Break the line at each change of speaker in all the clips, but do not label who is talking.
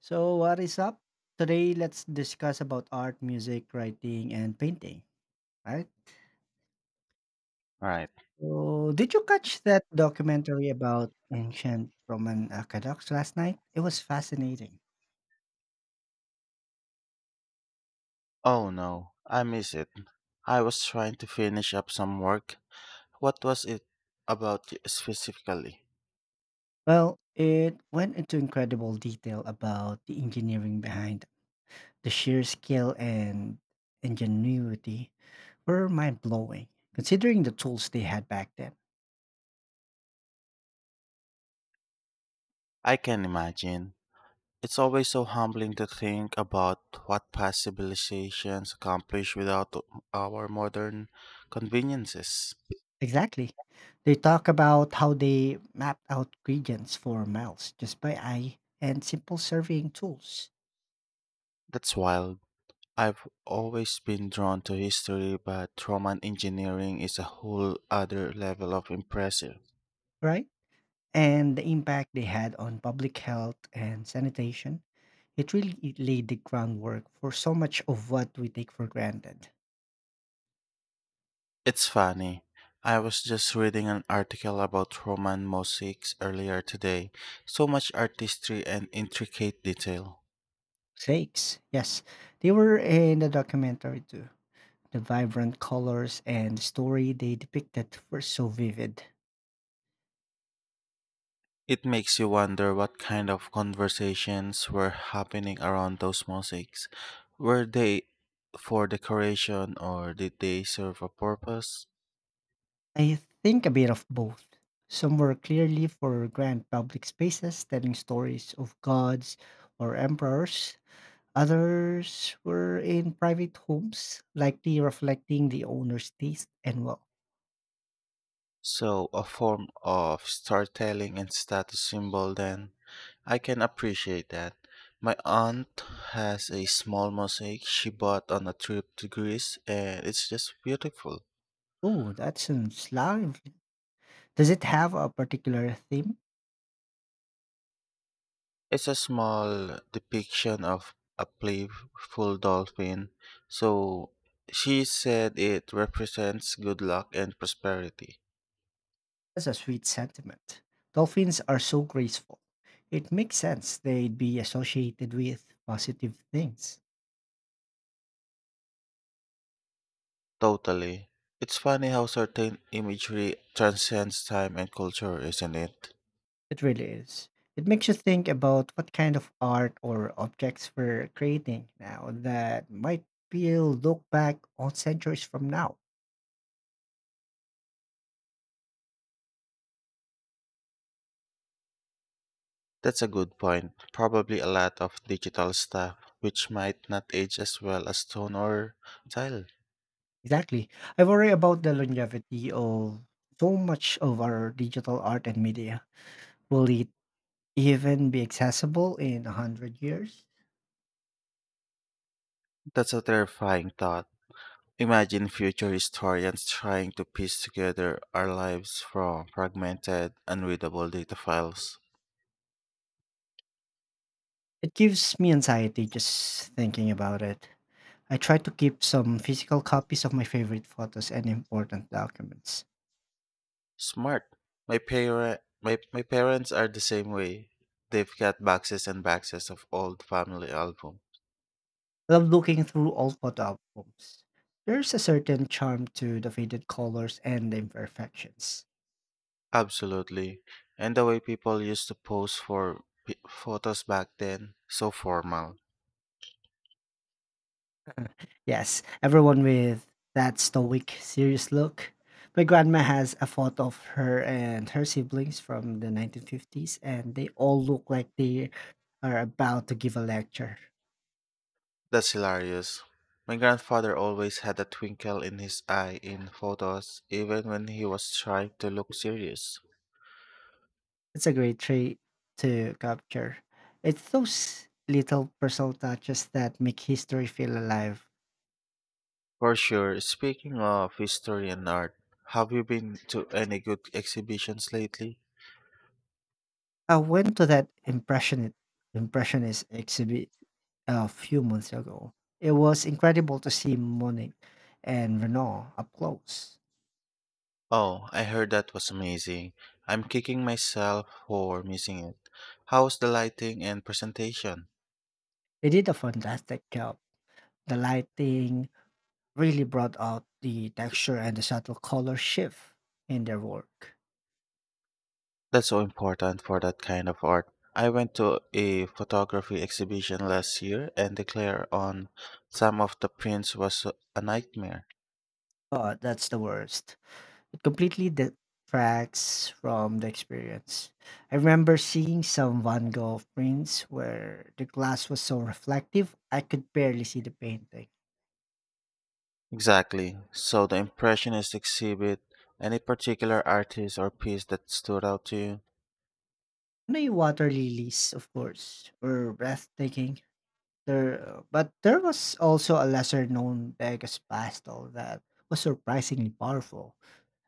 So, what is up? Today, let's discuss about art, music, writing, and painting, right?
Right.
So, did you catch that documentary about ancient Roman aqueducts last night? It was fascinating.
Oh no, I miss it. I was trying to finish up some work. What was it about specifically?
Well, it went into incredible detail about the engineering behind them, the sheer skill and ingenuity were mind blowing, considering the tools they had back then.
I can imagine. It's always so humbling to think about what past civilizations accomplished without our modern conveniences.
Exactly. They talk about how they mapped out gradients for miles just by eye and simple surveying tools,
That's wild. I've always been drawn to history, but Roman engineering is a whole other level of impressive.
right? And the impact they had on public health and sanitation. It really laid the groundwork for so much of what we take for granted.
It's funny. I was just reading an article about Roman mosaics earlier today. So much artistry and intricate detail.
Sakes, yes, they were in the documentary too. The vibrant colors and the story they depicted were so vivid.
It makes you wonder what kind of conversations were happening around those mosaics. Were they for decoration or did they serve a purpose?
I think a bit of both. Some were clearly for grand public spaces telling stories of gods or emperors. Others were in private homes, likely reflecting the owner's taste and wealth.
So, a form of storytelling and status symbol, then. I can appreciate that. My aunt has a small mosaic she bought on a trip to Greece, and it's just beautiful.
Oh, that sounds lively. Does it have a particular theme?
It's a small depiction of a playful dolphin, so she said it represents good luck and prosperity.
That's a sweet sentiment. Dolphins are so graceful. It makes sense they'd be associated with positive things.
Totally. It's funny how certain imagery transcends time and culture, isn't it?
It really is. It makes you think about what kind of art or objects we're creating now that might be looked back on centuries from now.
That's a good point. Probably a lot of digital stuff, which might not age as well as stone or tile.
Exactly. I worry about the longevity of so much of our digital art and media. Will it even be accessible in a hundred years?
That's a terrifying thought. Imagine future historians trying to piece together our lives from fragmented, unreadable data files.
It gives me anxiety just thinking about it. I try to keep some physical copies of my favorite photos and important documents.
Smart. My parents are the same way. They've got boxes and boxes of old family album.
I love looking through old photo albums. There's a certain charm to the faded colors and the imperfections.
Absolutely. And the way people used to pose for photos back then, so formal.
Yes, everyone with that stoic, serious look. My grandma has a photo of her and her siblings from the 1950s, and they all look like they are about to give a lecture.
That's hilarious. My grandfather always had a twinkle in his eye in photos, even when he was trying to look serious.
It's a great trait to capture. It's those little personal touches that make history feel alive.
For sure, speaking of history and art, have you been to any good exhibitions lately?
I went to that impressionist exhibit a few months ago. It was incredible to see Monet and Renault up close.
Oh, I heard that was amazing. I'm kicking myself for missing it. How's the lighting and presentation?
They did a fantastic job. The lighting really brought out the texture and the subtle color shift in their work.
That's so important for that kind of art. I went to a photography exhibition last year and the declare on some of the prints was a nightmare.
Oh, that's the worst. It completely detracts from the experience. I remember seeing some Van Gogh prints where the glass was so reflective I could barely see the painting.
Exactly. So the impressionist exhibit, any particular artist or piece that stood out to you?
No water lilies, of course, were breathtaking. There, but there was also a lesser known Vegas pastel that was surprisingly powerful.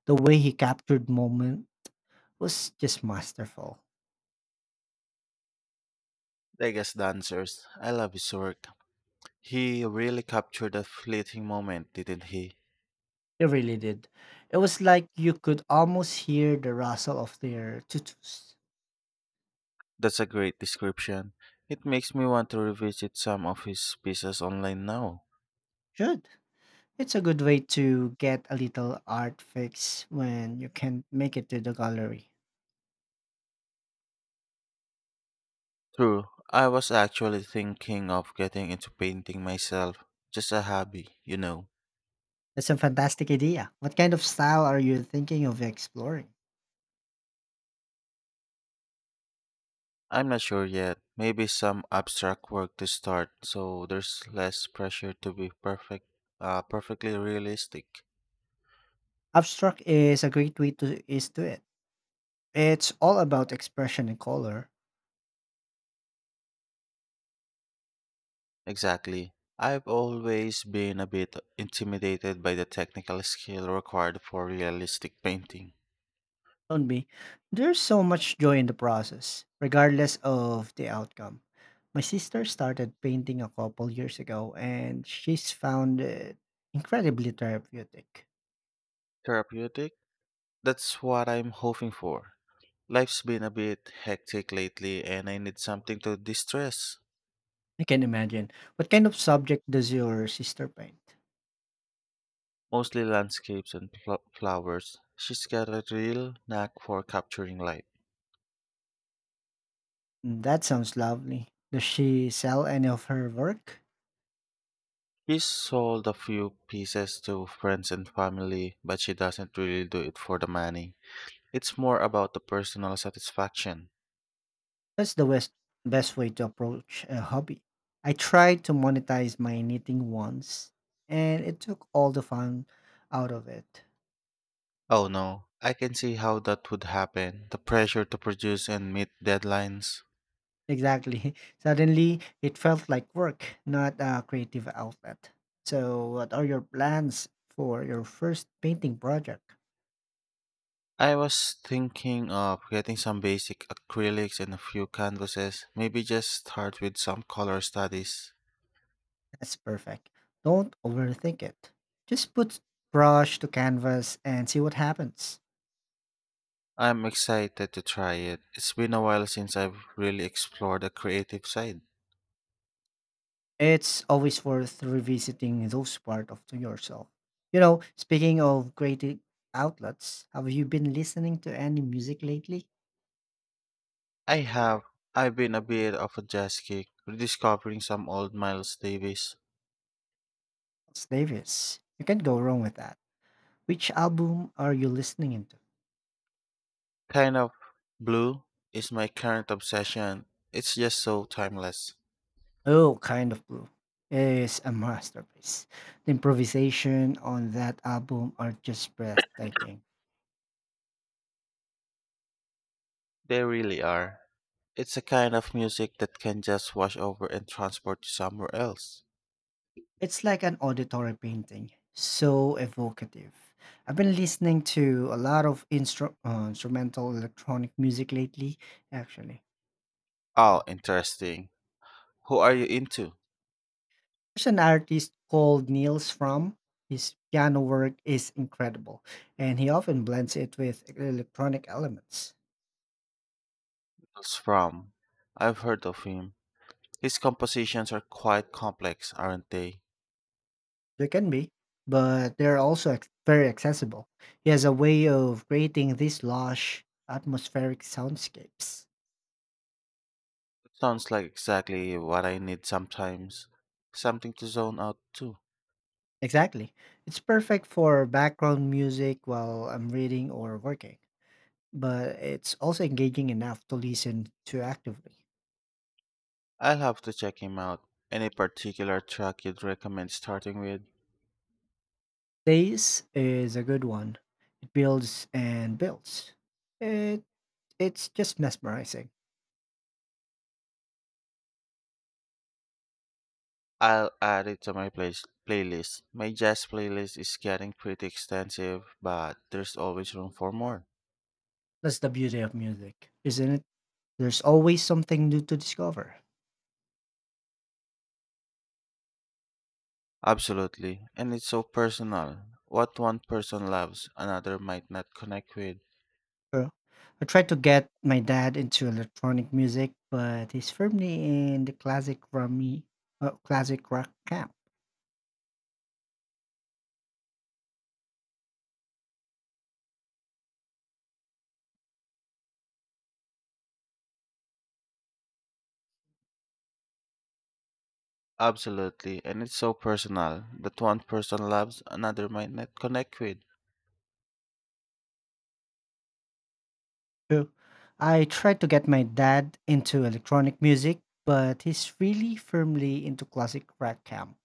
The way he captured moment was just masterful.
Degas' Dancers. I love his work. He really captured a fleeting moment, didn't he?
It really did. It was like you could almost hear the rustle of their tutus.
That's a great description. It makes me want to revisit some of his pieces online now.
Should. It's a good way to get a little art fix when you can't make it to the gallery.
True. I was actually thinking of getting into painting myself. Just a hobby, you know.
That's a fantastic idea. What kind of style are you thinking of exploring?
I'm not sure yet. Maybe some abstract work to start, so there's less pressure to be perfect, perfectly realistic.
Abstract is a great way to is to it. It's all about expression and color.
Exactly. I've always been a bit intimidated by the technical skill required for realistic painting.
Don't be. There's so much joy in the process, regardless of the outcome. My sister started painting a couple years ago and she's found it incredibly therapeutic.
Therapeutic? That's what I'm hoping for. Life's been a bit hectic lately, and I need something to distress.
I can imagine. What kind of subject does your sister paint?
Mostly landscapes and flowers. She's got a real knack for capturing light.
Mm, that sounds lovely. Does she sell any of her work?
He's sold a few pieces to friends and family, but she doesn't really do it for the money. It's more about the personal satisfaction.
That's the best, best way to approach a hobby. I tried to monetize my knitting once, and it took all the fun out of it.
Oh no, I can see how that would happen. The pressure to produce and meet deadlines.
Exactly. Suddenly, it felt like work, not a creative outlet. So, what are your plans for your first painting project?
I was thinking of getting some basic acrylics and a few canvases. Maybe just start with some color studies.
That's perfect. Don't overthink it. Just put brush to canvas and see what happens.
I'm excited to try it. It's been a while since I've really explored the creative side.
It's always worth revisiting those parts of to yourself. You know, speaking of creative outlets, have you been listening to any music lately?
I have. I've been a bit of a jazz kick, rediscovering some old Miles Davis.
It's Davis. You can't go wrong with that. Which album are you listening into?
Kind of Blue is my current obsession. It's just so timeless.
Oh, Kind of Blue is a masterpiece. The improvisation on that album are just breathtaking.
They really are. It's a kind of music that can just wash over and transport you somewhere else.
It's like an auditory painting, so evocative. I've been listening to a lot of instrumental electronic music lately, actually.
Oh, interesting. Who are you into?
There's an artist called Niels Fromm. His piano work is incredible, and he often blends it with electronic elements.
It's from. I've heard of him. His compositions are quite complex, aren't they?
There can be, but they're also very accessible. He has a way of creating these lush, atmospheric soundscapes.
Sounds like exactly what I need sometimes. Something to zone out to.
Exactly. It's perfect for background music while I'm reading or working, but it's also engaging enough to listen to actively.
I'll have to check him out. Any particular track you'd recommend starting with?
Days is a good one. It builds and builds. It it's just mesmerizing.
I'll add it to my playlist. My jazz playlist is getting pretty extensive, but there's always room for more.
That's the beauty of music, isn't it? There's always something new to discover.
Absolutely, and it's so personal. What one person loves, another might not connect with.
Uh, I tried to get my dad into electronic music, but he's firmly in the classic classic rock camp.
Absolutely, and it's so personal that one person loves, another might not connect with.
True. I tried to get my dad into electronic music, but he's really firmly into classic rock camp.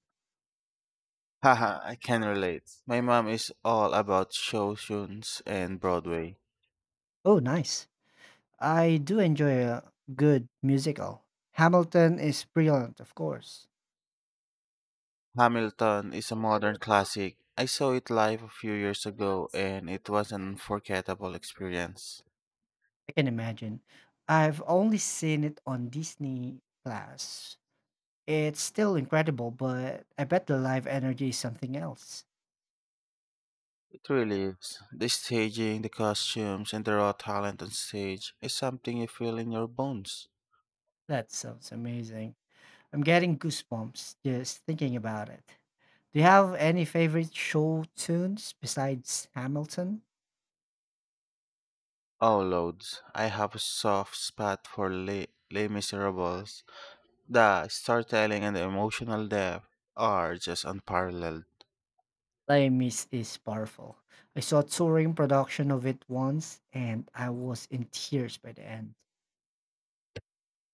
Haha, I can relate. My mom is all about showtunes and Broadway.
Oh, nice. I do enjoy a good musical. Hamilton is brilliant, of course.
Hamilton is a modern classic. I saw it live a few years ago and it was an unforgettable experience.
I can imagine. I've only seen it on Disney Plus. It's still incredible, but I bet the live energy is something else.
It really is. The staging, the costumes, and the raw talent on stage is something you feel in your bones.
That sounds amazing. I'm getting goosebumps just thinking about it. Do you have any favorite show tunes besides Hamilton?
Oh, loads. I have a soft spot for Les Miserables. The storytelling and the emotional depth are just unparalleled.
Les Mis is powerful. I saw a touring production of it once and I was in tears by the end.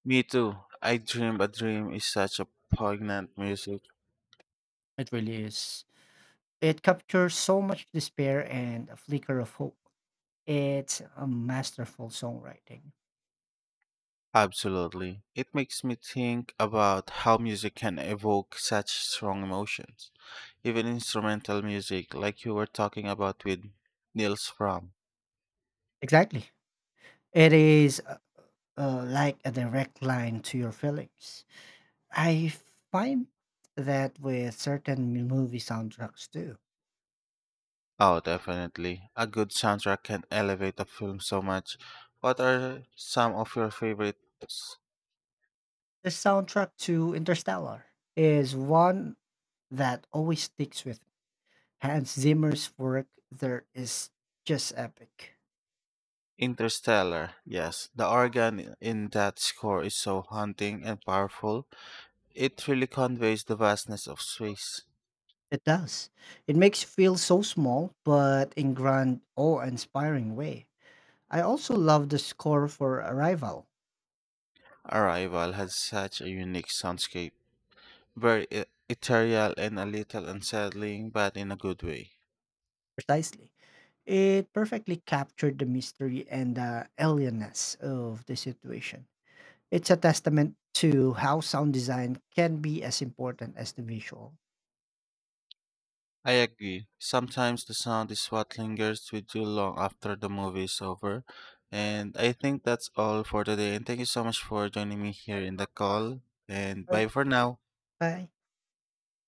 Me too. I Dream a Dream is such a poignant music.
It really is. It captures so much despair and a flicker of hope. It's a masterful songwriting.
Absolutely. It makes me think about how music can evoke such strong emotions. Even instrumental music, like you were talking about with Nils Fromm.
Exactly. It is like a direct line to your feelings. I find that with certain movie soundtracks too.
Oh, definitely. A good soundtrack can elevate a film so much. What are some of your favorites?
The soundtrack to Interstellar is one that always sticks with me. Hans Zimmer's work there is just epic.
Interstellar. Yes, the organ in that score is so haunting and powerful. It really conveys the vastness of space.
It does. It makes you feel so small, but in grand, awe-inspiring way. I also love the score for Arrival.
Arrival had such a unique soundscape, very ethereal and a little unsettling, but in a good way.
Precisely. It perfectly captured the mystery and the alienness of the situation. It's a testament to how sound design can be as important as the visual.
I agree. Sometimes the sound is what lingers with you long after the movie is over. And I think that's all for today. And thank you so much for joining me here in the call. And
All right.
bye for now.
Bye.